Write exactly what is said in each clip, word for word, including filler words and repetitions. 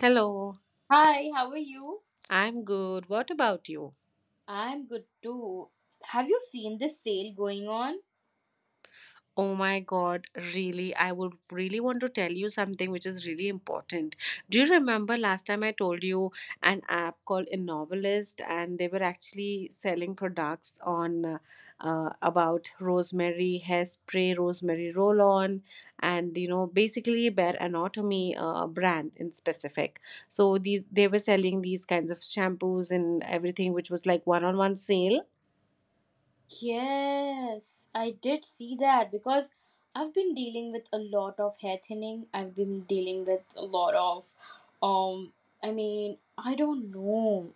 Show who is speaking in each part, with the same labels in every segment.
Speaker 1: Hello,
Speaker 2: Hi, how are you?
Speaker 1: I'm good. What about you?
Speaker 2: I'm good too. Have you seen this sale going on?
Speaker 1: Oh my god, really? I would really want to tell you something which is really important. Do you remember last time I told you an app called Innovelist, and they were actually selling products on uh, uh, about rosemary hairspray, rosemary roll on, and you know, basically Bare Anatomy uh, brand in specific. So these they were selling these kinds of shampoos and everything which was like one on one sale.
Speaker 2: Yes, I did see that because I've been dealing with a lot of hair thinning. I've been dealing with a lot of, um, I mean, I don't know.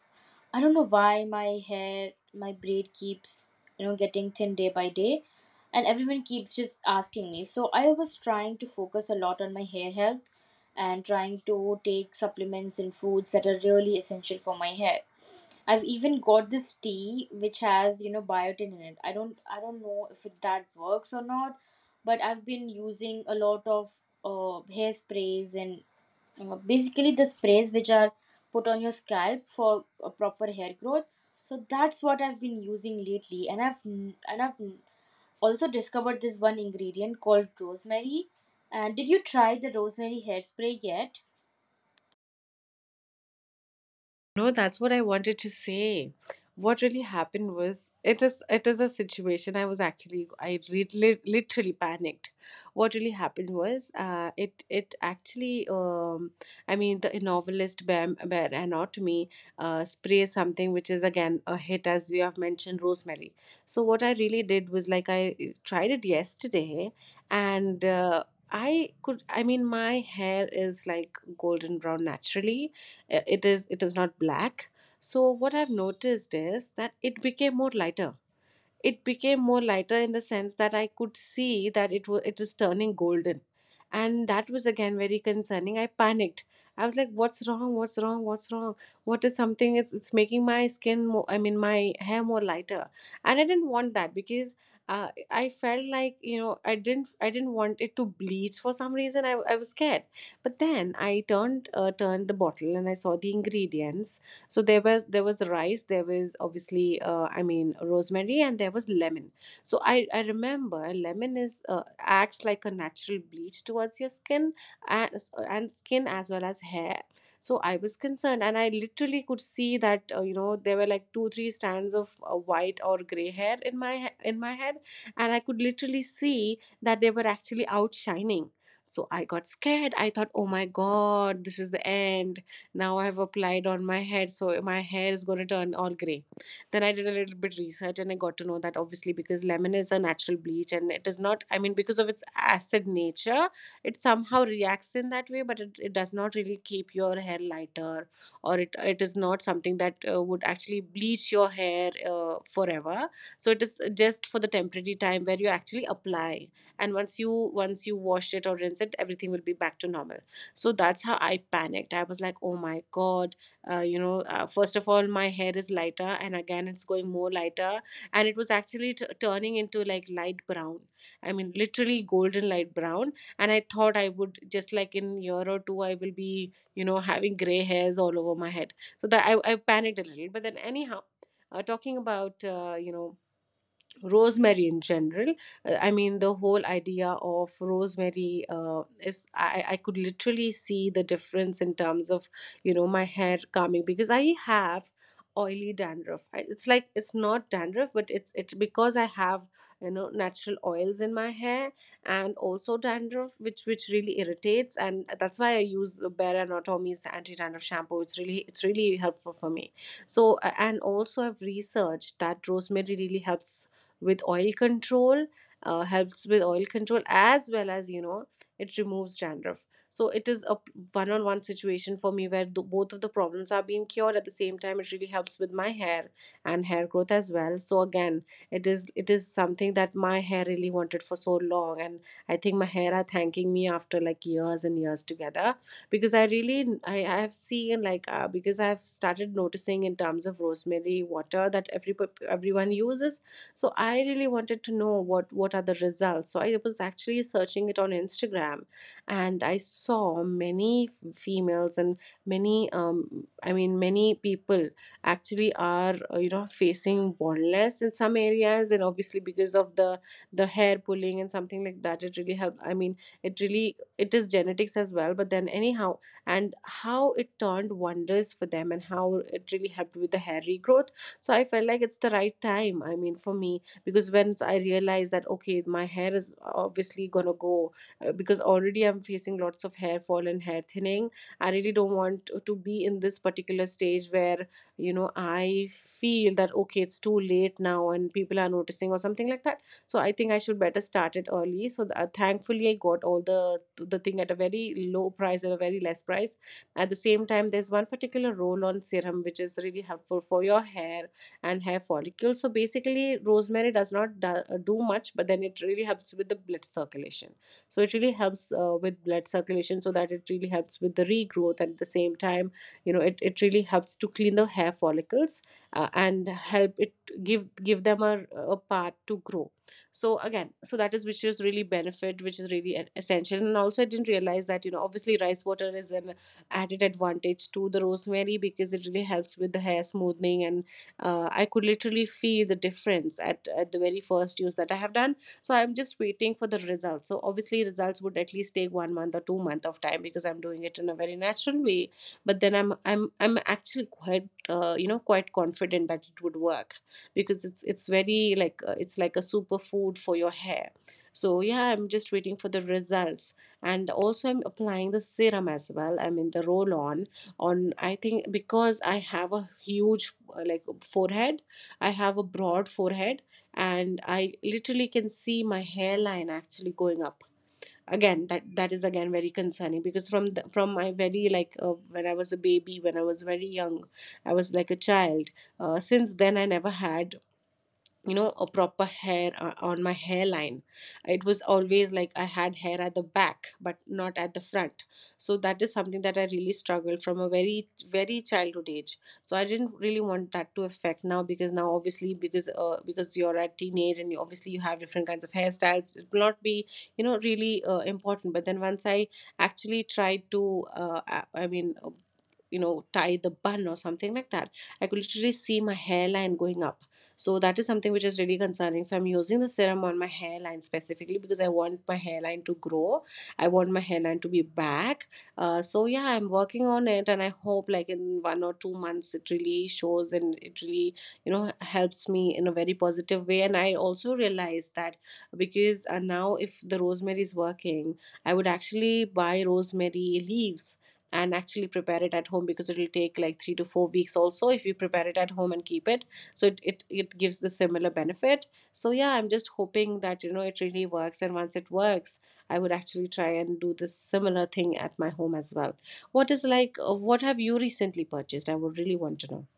Speaker 2: I don't know why my hair, my braid keeps, you know, getting thin day by day. And everyone keeps just asking me. So I was trying to focus a lot on my hair health and trying to take supplements and foods that are really essential for my hair. I've even got this tea which has, you know, biotin in it. I don't I don't know if it, that works or not, but I've been using a lot of uh, hairsprays and uh, basically the sprays which are put on your scalp for a proper hair growth. So that's what I've been using lately, and i've n- and i've n- also discovered this one ingredient called rosemary. And did you try the rosemary hairspray yet?
Speaker 1: No, that's what I wanted to say. What really happened was it is it is a situation. I was actually I lit lit- literally panicked. What really happened was uh, it it actually um, I mean the novelist Bear, Bear Anatomy uh, sprays something which is again a hit, as you have mentioned, rosemary. So what I really did was like I tried it yesterday, and uh, I could, I mean my hair is like golden brown naturally. Uh, it is it is not black, so what I've noticed is that it became more lighter. It became more lighter in the sense that I could see that it was it is turning golden, and that was again very concerning. I panicked. I was like, "What's wrong? What's wrong? What's wrong? What is something? It's it's making my skin more. I mean, my hair more lighter." And I didn't want that because uh, I felt like, you know, I didn't I didn't want it to bleach for some reason. I I was scared. But then I turned uh, turned the bottle and I saw the ingredients. So there was, there was rice, there was obviously uh, I mean rosemary, and there was lemon. So i i remember lemon is, uh, acts like a natural bleach towards your skin and and skin as well as hair. So I was concerned, and I literally could see that, uh, you know, there were like two three strands of uh, white or gray hair in my he- in my head, and I could literally see that they were actually outshining. So I got scared. I thought, oh my god, this is the end. Now I have applied on my head, so my hair is going to turn all gray. Then I did a little bit research and I got to know that obviously because lemon is a natural bleach, and it is not, I mean, because of its acid nature, it somehow reacts in that way, but it, it does not really keep your hair lighter, or it, it is not something that uh, would actually bleach your hair uh, forever. So it is just for the temporary time where you actually apply, and once you once you wash it or rinse it, everything will be back to normal. So that's how I panicked. I was like, oh my god, uh, you know, uh, first of all my hair is lighter, and again it's going more lighter, and it was actually t- turning into like light brown, I mean literally golden light brown. And I thought I would just, like, in a year or two I will be, you know, having gray hairs all over my head. So that i, I panicked a little, but then anyhow, uh, talking about, uh, you know, rosemary in general. Uh, I mean the whole idea of rosemary uh, is, I, I could literally see the difference in terms of, you know, my hair calming, because I have oily dandruff. I, it's like it's not dandruff, but it's it's because I have, you know, natural oils in my hair and also dandruff, which which really irritates. And that's why I use the Bare Anatomy's anti-dandruff shampoo. It's really it's really helpful for me. So a- and also I've researched that rosemary really helps with oil control, uh, helps with oil control as well as, you know, it removes dandruff. So it a a p- one-on-one situation for me, where the both of the problems are being cured at the same time. It really helps with my hair and hair growth as well. So again, it is it is something that my hair really wanted for so long, and I think my hair are thanking me after like years and years together, because I really, i, I have seen like, uh, because I've started noticing in terms of rosemary water that every pep- everyone uses. So I really wanted to know what what are the results. So I was actually searching it on Instagram, and I saw many f- females and many um, I mean many people actually are, uh, you know, facing baldness in some areas, and obviously because of the the hair pulling and something like that, it really helped. I mean, it really, it is genetics as well, but then anyhow, and how it turned wonders for them and how it really helped with the hair regrowth. So I felt like it's the right time, I mean for me, because once I realized that okay, my hair is obviously gonna go, uh, because already I'm facing lots of hair fall and hair thinning, I really don't want to to be in this particular stage where, you know, I feel that okay, it's too late now and people are noticing or something like that. So I think I should better start it early. So th- uh, thankfully, I got all the the thing at a very low price, at a very less price. At the same time, there's one particular roll on serum which is really helpful for your hair and hair follicles. So basically, rosemary does not do, uh, do much, but then it really helps with the blood circulation. So it really helps uh, with blood circulation, so that it really helps with the regrowth. And at the same time, you know, it, it really helps to clean the hair follicles uh, and help it give give them a, a path to grow. So again, so that is which is really benefit, which is really e- essential. And also, I didn't realize that, you know, obviously, rice water is an added advantage to the rosemary because it really helps with the hair smoothing. And uh, I could literally feel the difference at, at the very first use that I have done. So I'm just waiting for the results. So obviously, results would at least take one month or two month of time, because I'm doing it in a very natural way. But then i'm i'm i'm actually quite, uh, you know, quite confident that it would work, because it's it's very like, uh, it's like a superfood for your hair. So yeah, I'm just waiting for the results. And also I'm applying the serum as well, I mean the roll on, on. I think because I have a huge, uh, like, forehead, I have a broad forehead, and I literally can see my hairline actually going up. Again, that that is again very concerning, because from the, from my very like, uh, when I was a baby, when I was very young, I was like a child, uh, since then I never had, you know, a proper hair uh, on my hairline. It was always like I had hair at the back, but not at the front. So that is something that I really struggled from a very very childhood age. So I didn't really want that to affect now, because now obviously because uh, because you're at teenage and you obviously you have different kinds of hairstyles, it will not be, you know, really uh, important. But then once I actually tried to, uh, i I mean, uh, you know, tie the bun or something like that, I could literally see my hairline going up. So that is something which is really concerning. So I'm using the serum on my hairline specifically, because I want my hairline to grow. I want my hairline to be back. Uh, so yeah, I'm working on it, and I hope like in one or two months it really shows, and it really, you know, helps me in a very positive way. And I also realized that, because uh, now if the rosemary is working, I would actually buy rosemary leaves and actually prepare it at home, because it will take like three to four weeks also if you prepare it at home and keep it. So it, it it gives the similar benefit. So yeah, I'm just hoping that, you know, it really works, and once it works, I would actually try and do this similar thing at my home as well. What is like, uh, what have you recently purchased? I would really want to know.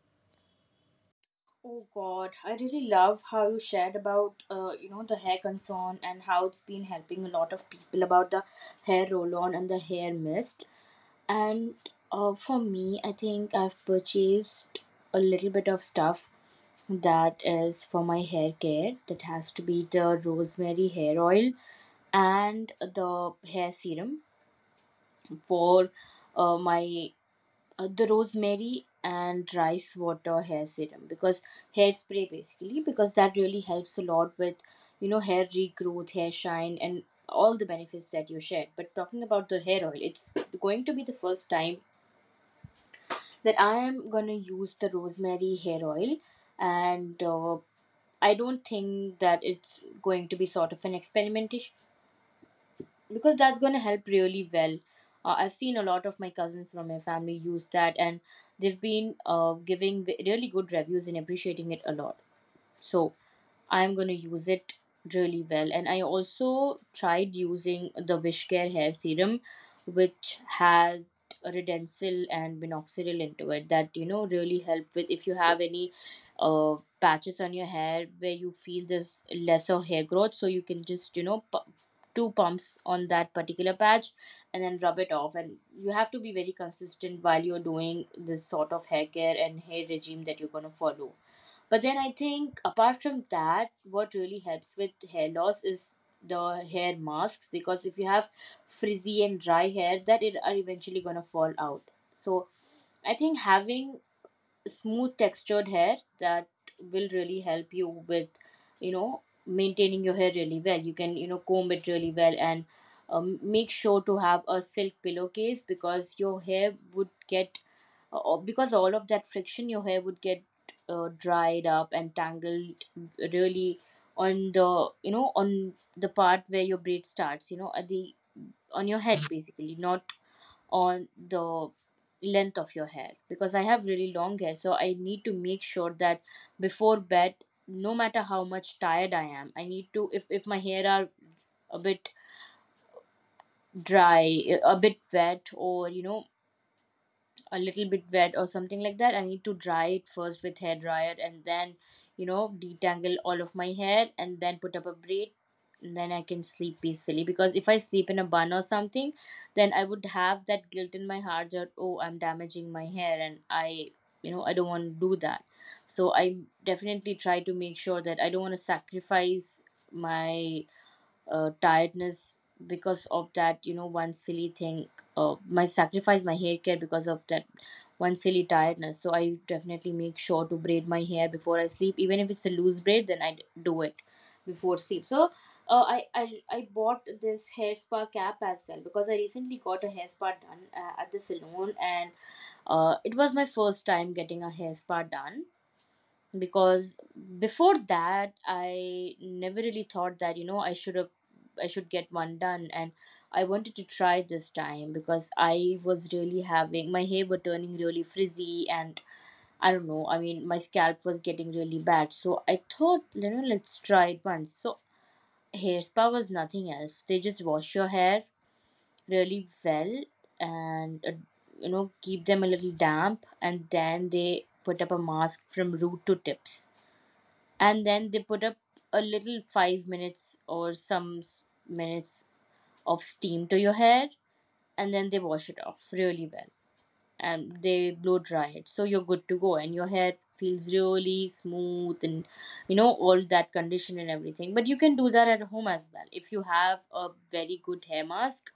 Speaker 2: Oh god, I really love how you shared about uh, you know the hair concern and how it's been helping a lot of people about the hair roll on and the hair mist. And uh, for me, I think I've purchased a little bit of stuff that is for my hair care. That has to be the rosemary hair oil and the hair serum for uh, my uh, the rosemary and rice water hair serum, because hair spray basically, because that really helps a lot with you know hair regrowth, hair shine, and all the benefits that you shared. But talking about the hair oil, it's going to be the first time that I am gonna use the rosemary hair oil, and uh, I don't think that it's going to be sort of an experimentation, because that's gonna help really well. Uh, I've seen a lot of my cousins from my family use that, and they've been uh, giving v- really good reviews and appreciating it a lot. So I'm gonna use it really well. And I also tried using the Wishcare hair serum, which had redensil and minoxidil into it, that you know really help with if you have any uh, patches on your hair where you feel this lesser hair growth. So you can just you know pu- two pumps on that particular patch and then rub it off, and you have to be very consistent while you're doing this sort of hair care and hair regime that you're going to follow. But then, I think, apart from that, what really helps with hair loss is the hair masks, because if you have frizzy and dry hair, that it are eventually gonna fall out. So I think having smooth textured hair, that will really help you with you know maintaining your hair really well. You can you know comb it really well, and um, make sure to have a silk pillowcase, because your hair would get uh, because all of that friction your hair would get uh, dried up and tangled, really on the you know on the part where your braid starts, you know at the on your head basically, not on the length of your hair, because I have really long hair. So I need to make sure that before bed, no matter how much tired I am, I need to, if if my hair are a bit dry, a bit wet, or you know a little bit wet or something like that, I need to dry it first with hair dryer and then you know detangle all of my hair and then put up a braid, and then I can sleep peacefully. Because if I sleep in a bun or something, then I would have that guilt in my heart, that oh, I'm damaging my hair and I you know I don't want to do that. So I definitely try to make sure that I don't want to sacrifice my uh, tiredness because of that you know one silly thing. Uh, my sacrifice my hair care because of that one silly tiredness. So I definitely make sure to braid my hair before I sleep, even if it's a loose braid, then i d- do it before sleep. So uh, I, I i bought this hair spa cap as well, because I recently got a hair spa done uh, at the salon, and uh, it was my first time getting a hair spa done. Because before that, I never really thought that you know i should have I should get one done. And I wanted to try this time because I was really having my hair were turning really frizzy, and I don't know, I mean my scalp was getting really bad. So I thought, you know let's try it once. So hair spa was nothing else, they just wash your hair really well, and uh, you know keep them a little damp, and then they put up a mask from root to tips, and then they put up a little five minutes or some s- minutes of steam to your hair, and then they wash it off really well, and they blow dry it, so you're good to go and your hair feels really smooth and you know all that condition and everything. But you can do that at home as well if you have a very good hair mask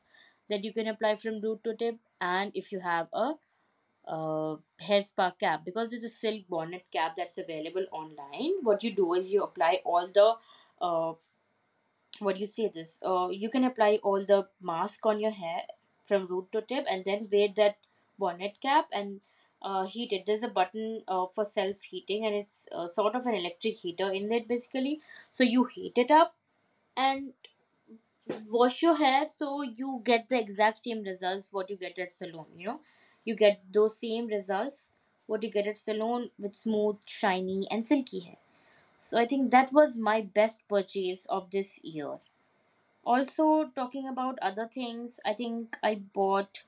Speaker 2: that you can apply from root to tip, and if you have a uh, hair spa cap, because there's a silk bonnet cap that's available online. What you do is you apply all the uh, what do you say this uh, you can apply all the mask on your hair from root to tip, and then wear that bonnet cap, and uh, heat it. There's a button uh, for self heating, and it's uh, sort of an electric heater in it basically. So you heat it up and wash your hair, so you get the exact same results what you get at salon, you know you get those same results what you get at salon, with smooth, shiny and silky hair. So I think that was my best purchase of this year. Also, talking about other things, I think I bought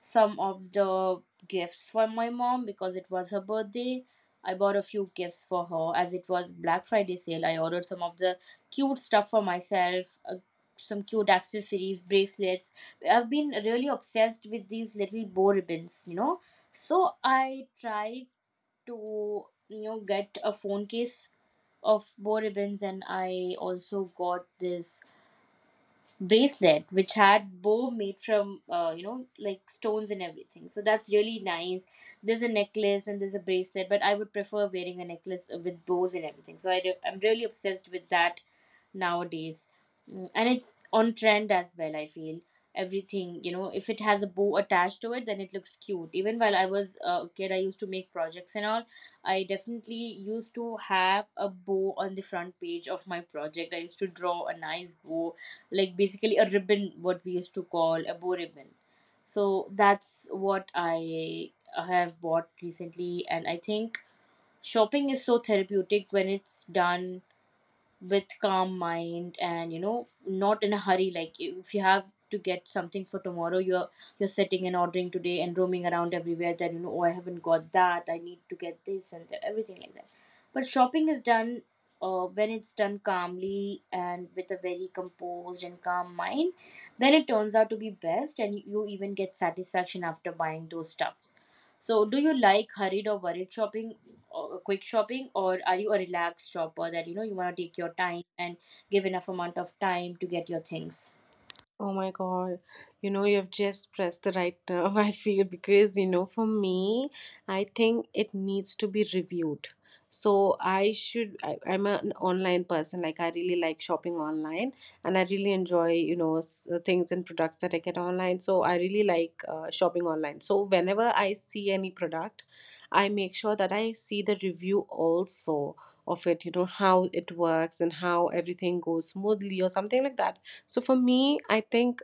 Speaker 2: some of the gifts for my mom because it was her birthday. I bought a few gifts for her as it was Black Friday sale. I ordered some of the cute stuff for myself, uh, some cute accessories, bracelets. I've been really obsessed with these little bow ribbons, you know. So I tried to, you know, get a phone case of bow ribbons, and I also got this bracelet which had bow made from uh, you know like stones and everything, so that's really nice. There's a necklace and there's a bracelet, but I would prefer wearing a necklace uh, with bows and everything. So I do, I'm really obsessed with that nowadays. Mm, and it's on trend as well, I feel. Everything, you know if it has a bow attached to it, then it looks cute. Even while I was a kid, I used to make projects and all, I definitely used to have a bow on the front page of my project. I used to draw a nice bow, like basically a ribbon, what we used to call a bow ribbon. So that's what I have bought recently. And I think shopping is so therapeutic when it's done with calm mind and you know not in a hurry. Like if you have to get something for tomorrow, you're you're sitting and ordering today and roaming around everywhere, that you know oh, I haven't got that, I need to get this and that, everything like that. But shopping is done, uh, when it's done calmly and with a very composed and calm mind, then it turns out to be best, and you even get satisfaction after buying those stuffs. So, do you like hurried or worried shopping, or quick shopping, or are you a relaxed shopper that you know you want to take your time and give enough amount of time to get your things?
Speaker 1: Oh my God, you know, you've just pressed the right nerve, I feel, because, you know, for me, I think it needs to be reviewed. So I should, I, I'm an online person. Like, I really like shopping online and I really enjoy, you know, s- uh, things and products that I get online. So I really like uh, shopping online. So whenever I see any product, I make sure that I see the review also of it, you know, how it works and how everything goes smoothly or something like that. So for me, I think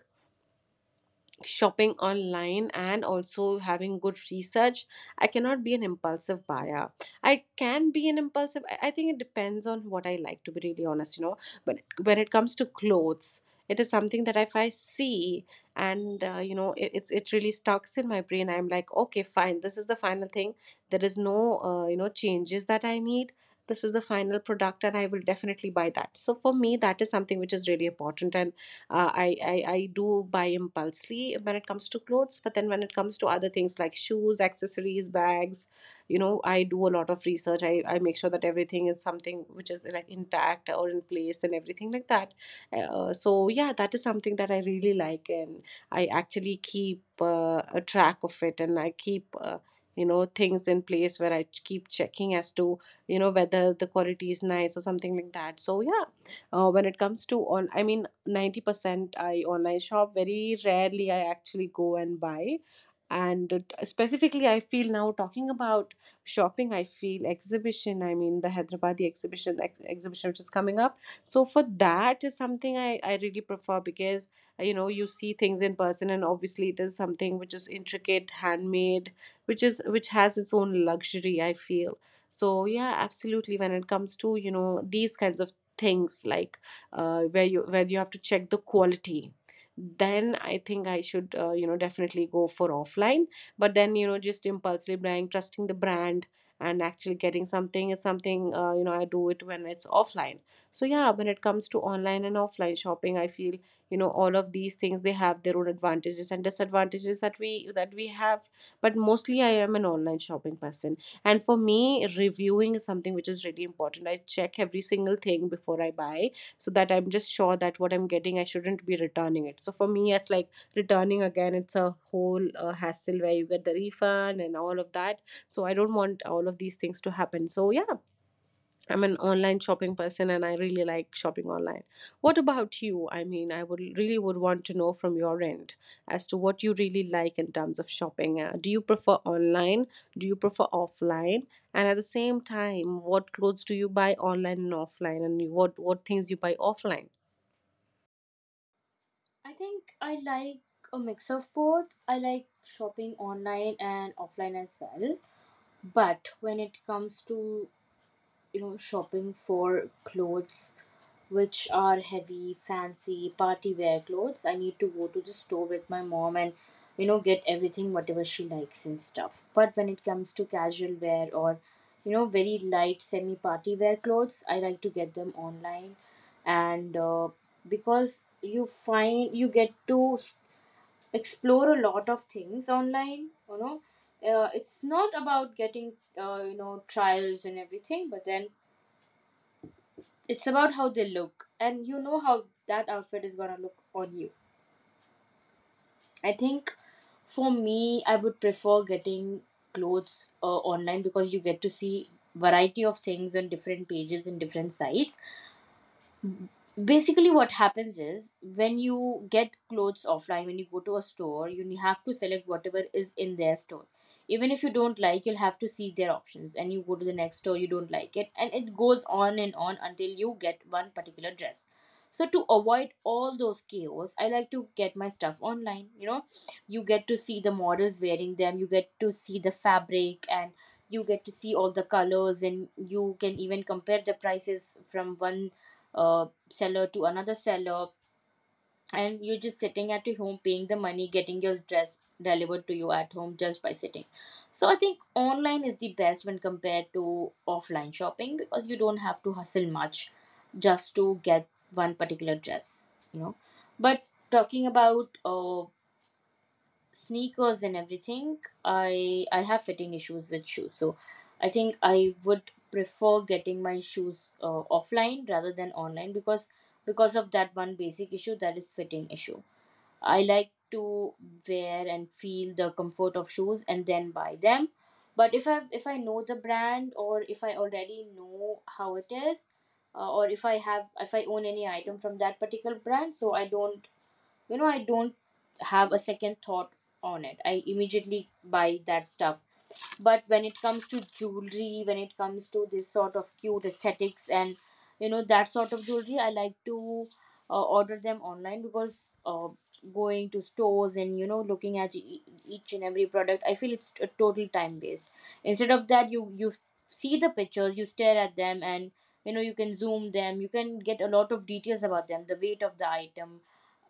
Speaker 1: shopping online and also having good research, I cannot be an impulsive buyer. I can be an impulsive. I I think it depends on what I like. To be really honest, you know, but when it comes to clothes, it is something that if I see and uh, you know, it, it's it really stucks in my brain. I'm like, okay, fine, this is the final thing. There is no uh, you know changes that I need. This is the final product, and I will definitely buy that. So for me, that is something which is really important. And uh, I, I i do buy impulsively when it comes to clothes, but then when it comes to other things like shoes, accessories, bags, you know, I do a lot of research. I, I make sure that everything is something which is like intact or in place and everything like that. Uh, so yeah, that is something that I really like. And I actually keep uh, a track of it, and I keep uh, you know, things in place where i ch- keep checking as to, you know, whether the quality is nice or something like that. So yeah, uh, when it comes to on I mean, ninety percent I online shop. Very rarely I actually go and buy. And it- specifically, I feel now talking about shopping, I feel exhibition, I mean the Hyderabadi exhibition, ex- exhibition which is coming up. So for that is something i i really prefer, because uh, you know, you see things in person, and obviously it is something which is intricate, handmade, which is which has its own luxury, I feel. So yeah, absolutely, when it comes to, you know, these kinds of things like, uh, where you where you have to check the quality, then I think I should, uh, you know, definitely go for offline. But then, you know, just impulsively buying, trusting the brand, and actually getting something is something, uh, you know, I do it when it's offline. So yeah, when it comes to online and offline shopping, I feel, you know, all of these things, they have their own advantages and disadvantages that we that we have. But mostly I am an online shopping person. And for me, reviewing is something which is really important. I check every single thing before I buy, so that I'm just sure that what I'm getting, I shouldn't be returning it. So for me, it's like returning again, it's a whole uh, hassle where you get the refund and all of that. So I don't want all of these things to happen. So yeah, I'm an online shopping person, and I really like shopping online. What about you? I mean, I would really would want to know from your end as to what you really like in terms of shopping. Uh, do you prefer online? Do you prefer offline? And at the same time, what clothes do you buy online and offline, and you- what what things you buy offline?
Speaker 2: I think I like a mix of both. I like shopping online and offline as well. But when it comes to you know shopping for clothes which are heavy fancy party wear clothes, I need to go to the store with my mom and you know get everything whatever she likes and stuff. But when it comes to casual wear, or you know very light semi party wear clothes, I like to get them online. And uh, because you find you get to s- explore a lot of things online you know uh, It's not about getting uh, you know trials and everything, but then it's about how they look, and you know how that outfit is gonna look on you. I think for me, I would prefer getting clothes uh, online because you get to see variety of things on different pages and different sites. Basically what happens is when you get clothes offline, when you go to a store, you have to select whatever is in their store. Even if you don't like, you'll have to see their options, and you go to the next store, you don't like it, and it goes on and on until you get one particular dress. So to avoid all those chaos, I like to get my stuff online, you know. You get to see the models wearing them, you get to see the fabric, and you get to see all the colors, and you can even compare the prices from one uh seller to another seller. And you're just sitting at your home, paying the money, getting your dress delivered to you at home just by sitting. So I think online is the best when compared to offline shopping because you don't have to hustle much just to get one particular dress, you know. But talking about uh, sneakers and everything, i i have fitting issues with shoes, so I think I would prefer getting my shoes uh, offline rather than online because because of that one basic issue, that is fitting issue. I like to wear and feel the comfort of shoes and then buy them. But if I if i know the brand, or if I already know how it is, uh, or if I have if i own any item from that particular brand, so I don't, you know I don't have a second thought on it, I immediately buy that stuff. But when it comes to jewelry, when it comes to this sort of cute aesthetics and, you know, that sort of jewelry, I like to uh, order them online because uh, going to stores and, you know, looking at e- each and every product, I feel it's a total time waste. Instead of that, you you see the pictures, you stare at them, and, you know, you can zoom them, you can get a lot of details about them, the weight of the item,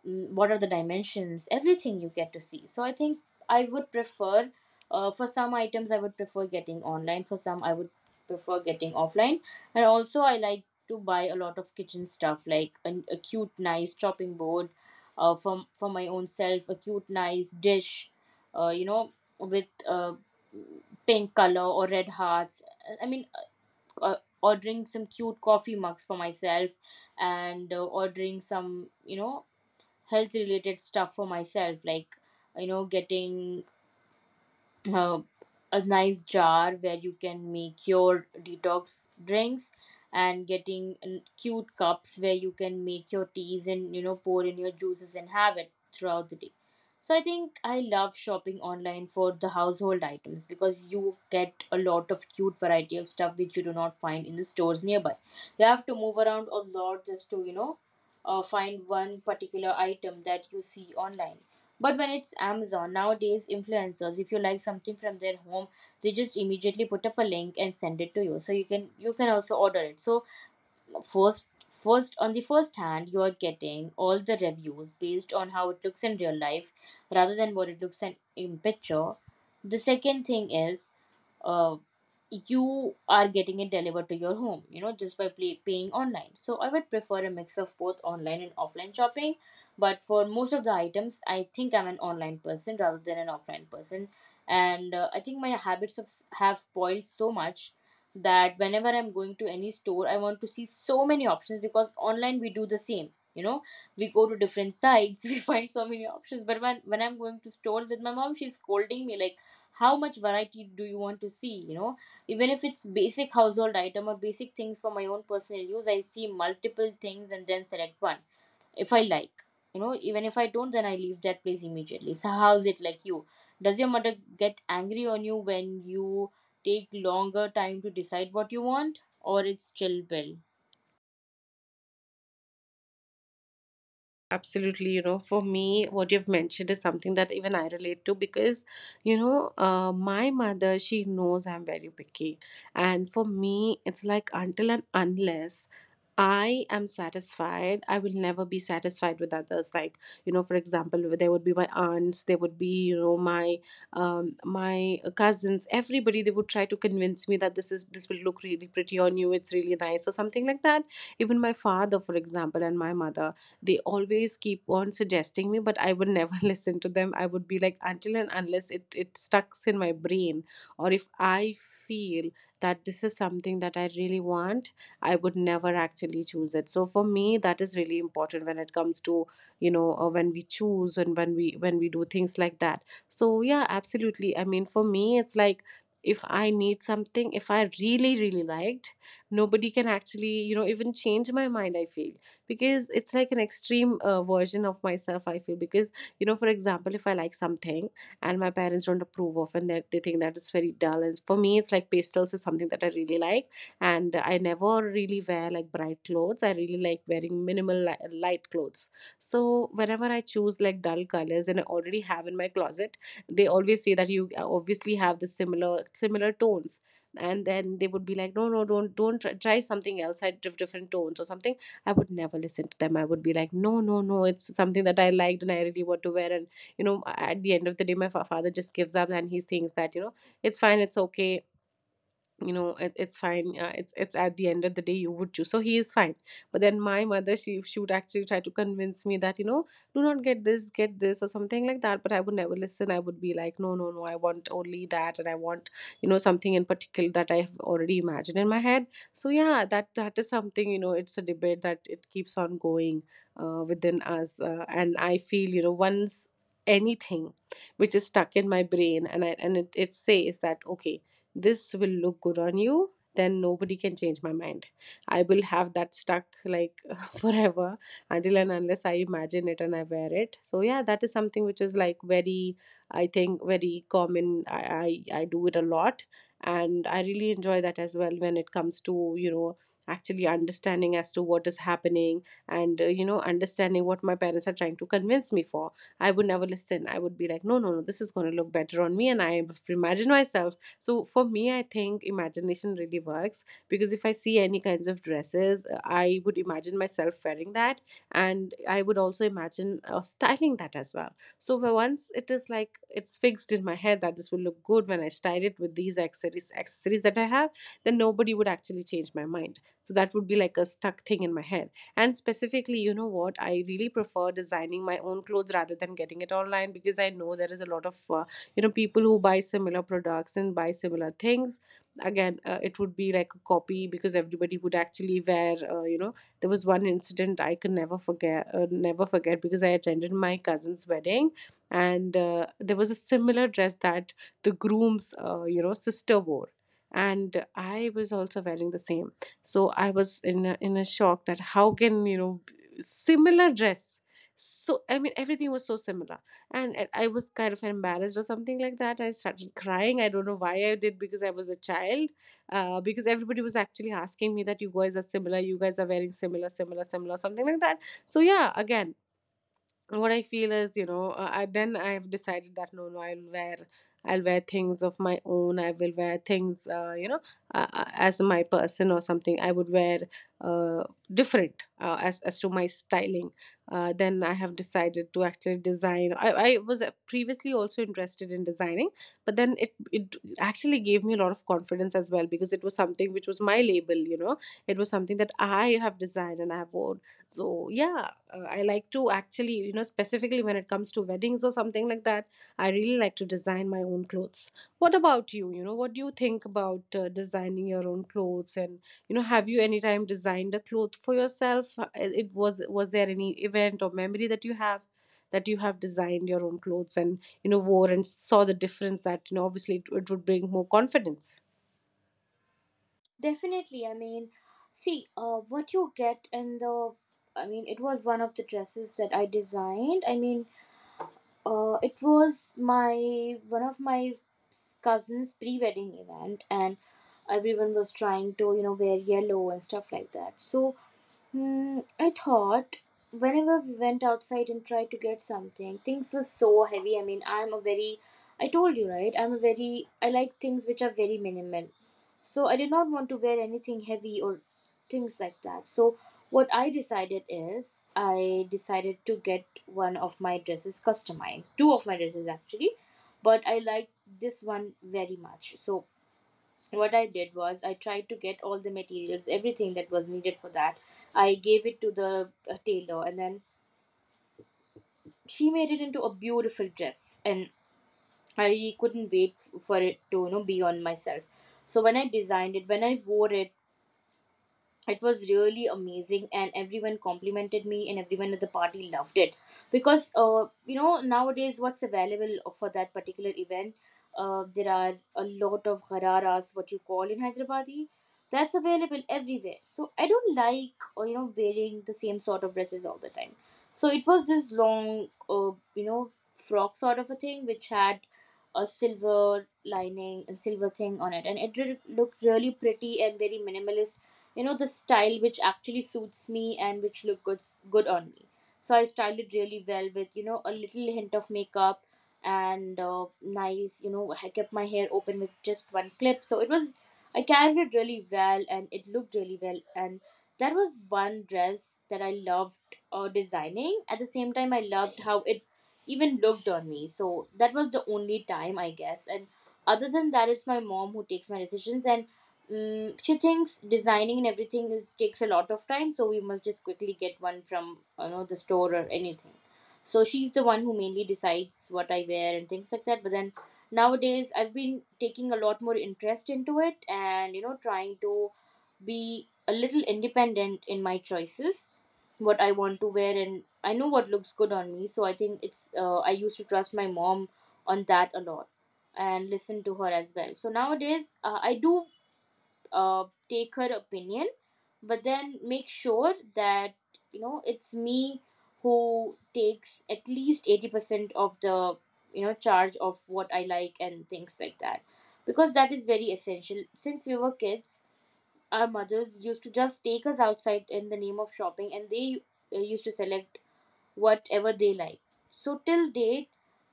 Speaker 2: l- what are the dimensions, everything you get to see. So I think I would prefer, uh, for some items I would prefer getting online, for some I would prefer getting offline. And also I like to buy a lot of kitchen stuff like an, a cute nice chopping board, uh, from for my own self, a cute nice dish, uh, you know with uh, pink color or red hearts. i mean uh, Ordering some cute coffee mugs for myself, and uh, ordering some, you know, health related stuff for myself, like, you know, getting uh, a nice jar where you can make your detox drinks, and getting n- cute cups where you can make your teas and, you know, pour in your juices and have it throughout the day. So I think I love shopping online for the household items because you get a lot of cute variety of stuff which you do not find in the stores nearby. You have to move around a lot just to, you know, uh, find one particular item that you see online. But when it's Amazon, nowadays influencers, if you like something from their home, they just immediately put up a link and send it to you. So you can you can also order it. So first first on the first hand, you are getting all the reviews based on how it looks in real life rather than what it looks in, in picture. The second thing is, uh, you are getting it delivered to your home, you know, just by play, paying online. So I would prefer a mix of both online and offline shopping. But for most of the items, I think I'm an online person rather than an offline person. And uh, I think my habits have, have spoiled so much that whenever I'm going to any store, I want to see so many options because online we do the same. You know, we go to different sites, we find so many options. But when when I'm going to stores with my mom, she's scolding me like, "How much variety do you want to see?" You know, even if it's basic household item or basic things for my own personal use, I see multiple things and then select one if I like. You know, even if I don't, then I leave that place immediately. So, how's it like you? Does your mother get angry on you when you take longer time to decide what you want, or it's chill bill?
Speaker 1: Absolutely, you know, for me, what you've mentioned is something that even I relate to, because, you know, uh, my mother, she knows I'm very picky. And for me, it's like until and unless I am satisfied, I will never be satisfied with others. Like, you know, for example, there would be my aunts, there would be, you know, my um, my cousins, everybody, they would try to convince me that this is this will look really pretty on you, it's really nice, or something like that. Even my father, for example, and my mother, they always keep on suggesting me, but I would never listen to them. I would be like, until and unless it it stucks in my brain, or if I feel that this is something that I really want, I would never actually choose it. So for me, that is really important when it comes to, you know, uh, when we choose and when we when we do things like that. So yeah, absolutely, I mean, for me, it's like if I need something, if I really really liked, nobody can actually, you know, even change my mind, I feel. Because it's like an extreme uh, version of myself, I feel. Because, you know, for example, if I like something, and my parents don't approve of, and that they think that is very dull, and for me it's like pastels is something that I really like, and I never really wear like bright clothes. I really like wearing minimal li- light clothes. So whenever I choose like dull colors and I already have in my closet, they always say that you uh, obviously have the similar similar tones. And then they would be like, no, no, don't don't try, try something else, I have different tones or something. I would never listen to them. I would be like, no, no, no, it's something that I liked and I really want to wear. And, you know, at the end of the day, my fa- father just gives up, and he thinks that, you know, it's fine, it's okay, you know it, it's fine, uh, it's it's at the end of the day you would choose, so he is fine. But then my mother, she she would actually try to convince me that, you know, do not get this, get this or something like that. But I would never listen. I would be like, no, no, no, I want only that, and I want, you know, something in particular that I have already imagined in my head. So yeah, that that is something. You know, it's a debate that it keeps on going uh, within us. Uh, and I feel, you know, once anything which is stuck in my brain, and I, and it, it says that, okay, this will look good on you, then nobody can change my mind. I will have that stuck like forever until and unless I imagine it and I wear it. So yeah, that is something which is like very, I think very common. I i, I do it a lot, and I really enjoy that as well when it comes to, you know, actually understanding as to what is happening. And uh, you know, understanding what my parents are trying to convince me for. I would never listen. I would be like, no, no, no, this is going to look better on me. And I imagine myself. So for me, I think imagination really works, because if I see any kinds of dresses, uh, I would imagine myself wearing that, and I would also imagine uh, styling that as well. So where once it is like it's fixed in my head that this will look good when I style it with these accessories accessories that I have, then nobody would actually change my mind. So that would be like a stuck thing in my head. And specifically, you know what? I really prefer designing my own clothes rather than getting it online, because I know there is a lot of, uh, you know, people who buy similar products and buy similar things again. Uh, it would be like a copy, because everybody would actually wear, uh, you know there was one incident I can never forget, uh, never forget, because I attended my cousin's wedding. And uh, there was a similar dress that the groom's, uh, you know, sister wore, and I was also wearing the same. So I was in a, in a shock that how can, you know, similar dress. So I mean everything was so similar, and I I was kind of embarrassed or something like that. I started crying. I don't know why I did, because I was a child. Uh, because everybody was actually asking me that you guys are similar, you guys are wearing similar, similar, similar, something like that. So yeah, again, what I feel is, you know, uh, I then I've decided that, no, no, I'll wear, I'll wear, things of my own. I will wear things, uh, you know, uh, uh, as my person or something. I would wear uh, different, uh, as as to my styling. Uh, then I have decided to actually design. I, I was uh, previously also interested in designing, but then it it actually gave me a lot of confidence as well, because it was something which was my label. You know, it was something that I have designed and I have worn. So yeah, uh, I like to actually, you know, specifically when it comes to weddings or something like that, I really like to design my own clothes. What about you? You know, what do you think about uh, designing your own clothes? And you know, have you any time designed a cloth for yourself? Uh, it was was there any event or memory that you have, that you have designed your own clothes and you know wore and saw the difference that you know obviously it, it would bring more confidence?
Speaker 2: Definitely. I mean, see, uh, what you get in the, I mean, it was one of the dresses that I designed. I mean, uh, it was my one of my cousin's pre-wedding event, and everyone was trying to, you know, wear yellow and stuff like that. So hmm, I thought whenever we went outside and tried to get something, things were so heavy. I mean, I'm a very, I told you, right? I'm a very, I like things which are very minimal. So I did not want to wear anything heavy or things like that. So what I decided is, I decided to get one of my dresses customized, two of my dresses actually, but I liked this one very much. So what I did was I tried to get all the materials, everything that was needed for that. I gave it to the uh, tailor, and then she made it into a beautiful dress, and I couldn't wait f- for it to, you know, be on myself. So when I designed it, when I wore it, it was really amazing and everyone complimented me and everyone at the party loved it because, uh, you know, nowadays what's available for that particular event, uh, there are a lot of hararas, what you call in Hyderabadi, that's available everywhere. So I don't like, uh, you know, wearing the same sort of dresses all the time. So it was this long, uh, you know, frock sort of a thing, which had a silver lining, a silver thing on it, and it re- looked really pretty and very minimalist, you know, the style which actually suits me and which look good good on me. So I styled it really well with, you know, a little hint of makeup, and uh, nice, you know, I kept my hair open with just one clip. So it was, I carried it really well and it looked really well. And that was one dress that I loved uh, designing. At the same time, I loved how it even looked on me. So that was the only time I guess. And other than that, it's my mom who takes my decisions. And mm, she thinks designing and everything is, takes a lot of time, so we must just quickly get one from, you know, the store or anything. So she's the one who mainly decides what I wear and things like that. But then nowadays, I've been taking a lot more interest into it, and, you know, trying to be a little independent in my choices, what I want to wear, and I know what looks good on me. So I think it's, uh, I used to trust my mom on that a lot and listen to her as well. So nowadays, uh, I do, uh, take her opinion, but then make sure that, you know, it's me who takes at least eighty percent of the, you know, charge of what I like and things like that, because that is very essential. Since we were kids, our mothers used to just take us outside in the name of shopping, and they uh, used to select whatever they like. So till date,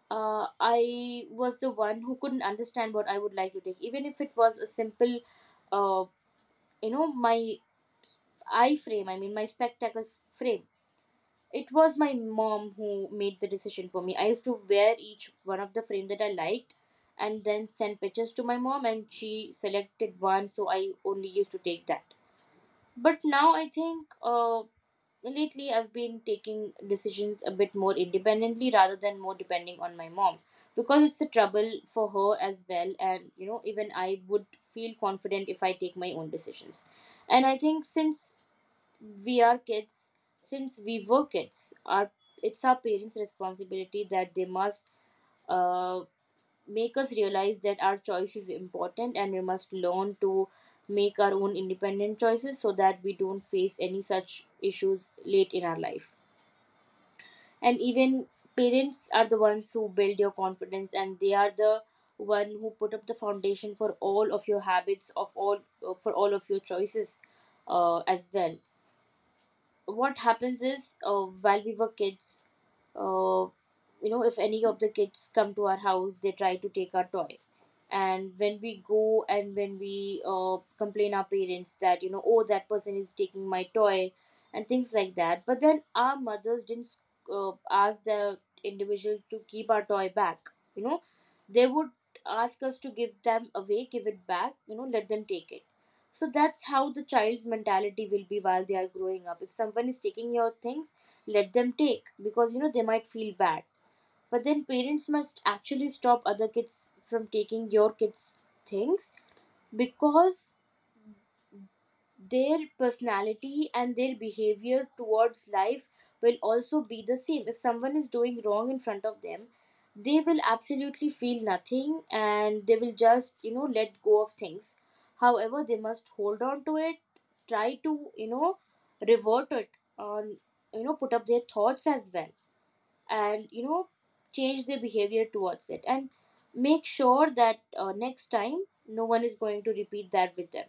Speaker 2: uh, I was the one who couldn't understand what I would like to take, even if it was a simple, uh, you know my eye frame I mean my spectacles frame, it was my mom who made the decision for me. I used to wear each one of the frame that I liked and then send pictures to my mom and she selected one, so I only used to take that. But now I think, uh, lately I've been taking decisions a bit more independently rather than more depending on my mom, because it's a trouble for her as well, and, you know, even I would feel confident if I take my own decisions. And I think since we are kids since we were kids, our it's our parents responsibility that they must uh, make us realize that our choice is important and we must learn to make our own independent choices so that we don't face any such issues late in our life. And even parents are the ones who build your confidence, and they are the one who put up the foundation for all of your habits, of all for all of your choices, uh, as well. What happens is, uh, while we were kids uh, you know if any of the kids come to our house, they try to take our toy, and when we go and when we uh, complain our parents that, you know, oh, that person is taking my toy and things like that, but then our mothers didn't uh, ask the individual to keep our toy back, you know. They would ask us to give them away, give it back, you know, let them take it. So that's how the child's mentality will be while they are growing up. If someone is taking your things, let them take, because, you know, they might feel bad. But then parents must actually stop other kids from taking your kids' things, because their personality and their behavior towards life will also be the same. If someone is doing wrong in front of them, they will absolutely feel nothing and they will just, you know, let go of things. However, they must hold on to it, try to, you know, revert it, or, you know, put up their thoughts as well, and, you know, change their behavior towards it, and make sure that, uh, next time no one is going to repeat that with them.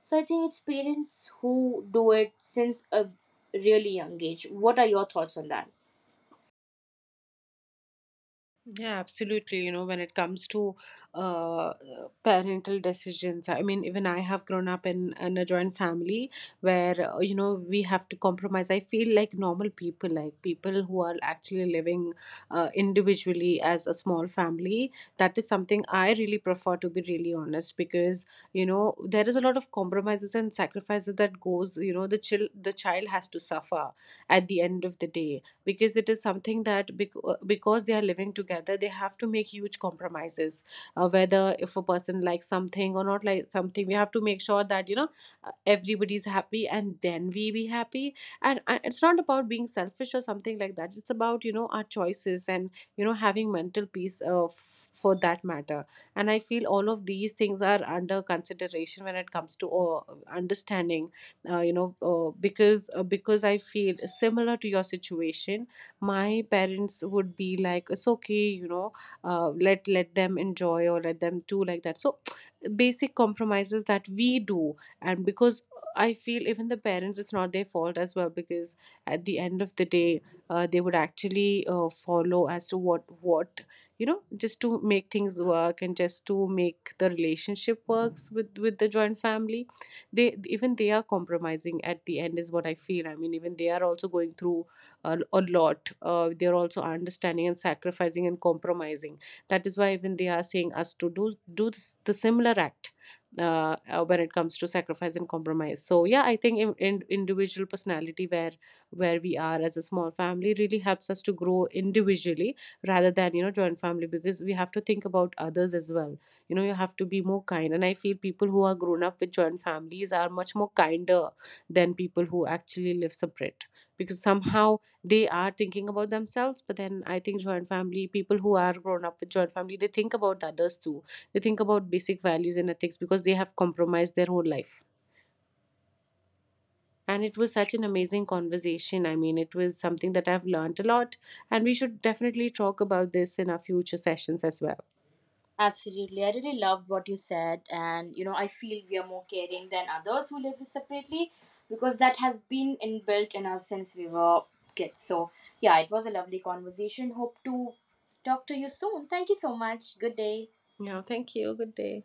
Speaker 2: So I think it's parents who do it since a really young age. What are your thoughts on that?
Speaker 1: Yeah, absolutely. You know, when it comes to uh, parental decisions, I mean, even I have grown up in, in a joint family where, uh, you know, we have to compromise. I feel like normal people, like people who are actually living uh, individually as a small family, that is something I really prefer, to be really honest, because, you know, there is a lot of compromises and sacrifices that goes, you know, the, chil- the child has to suffer at the end of the day, because it is something that bec- uh, because they are living together, they have to make huge compromises. Uh, whether if a person likes something or not like something, we have to make sure that you know, uh, everybody's happy and then we be happy. And, and it's not about being selfish or something like that. It's about, you know, our choices and you know, having mental peace, uh, f- for that matter. And I feel all of these things are under consideration when it comes to uh, understanding, uh, you know uh, because uh, because I feel similar to your situation, my parents would be like, it's okay, you know, uh, let let them enjoy, or let them do like that. So basic compromises that we do. And because I feel even the parents, it's not their fault as well, because at the end of the day, uh, they would actually uh, follow as to what what you know, just to make things work and just to make the relationship works with with the joint family. They, even they are compromising at the end, is what I feel. I mean, even they are also going through a, a lot. Uh, they're also understanding and sacrificing and compromising. That is why even they are saying us to do do this, the similar act, uh, uh, when it comes to sacrifice and compromise. So yeah, I think in, in individual personality where where we are as a small family, really helps us to grow individually rather than, you know, joint family, because we have to think about others as well. You know, you have to be more kind, and I feel people who are grown up with joint families are much more kinder than people who actually live separate. Because somehow they are thinking about themselves, but then I think joint family, people who are grown up with joint family, they think about others too. They think about basic values and ethics because they have compromised their whole life. And it was such an amazing conversation. I mean, it was something that I've learned a lot, and we should definitely talk about this in our future sessions as well.
Speaker 2: Absolutely. I really loved what you said. And, you know, I feel we are more caring than others who live separately because that has been inbuilt in us since we were kids. So, yeah, it was a lovely conversation. Hope to talk to you soon. Thank you so much. Good day.
Speaker 1: Yeah, thank you. Good day.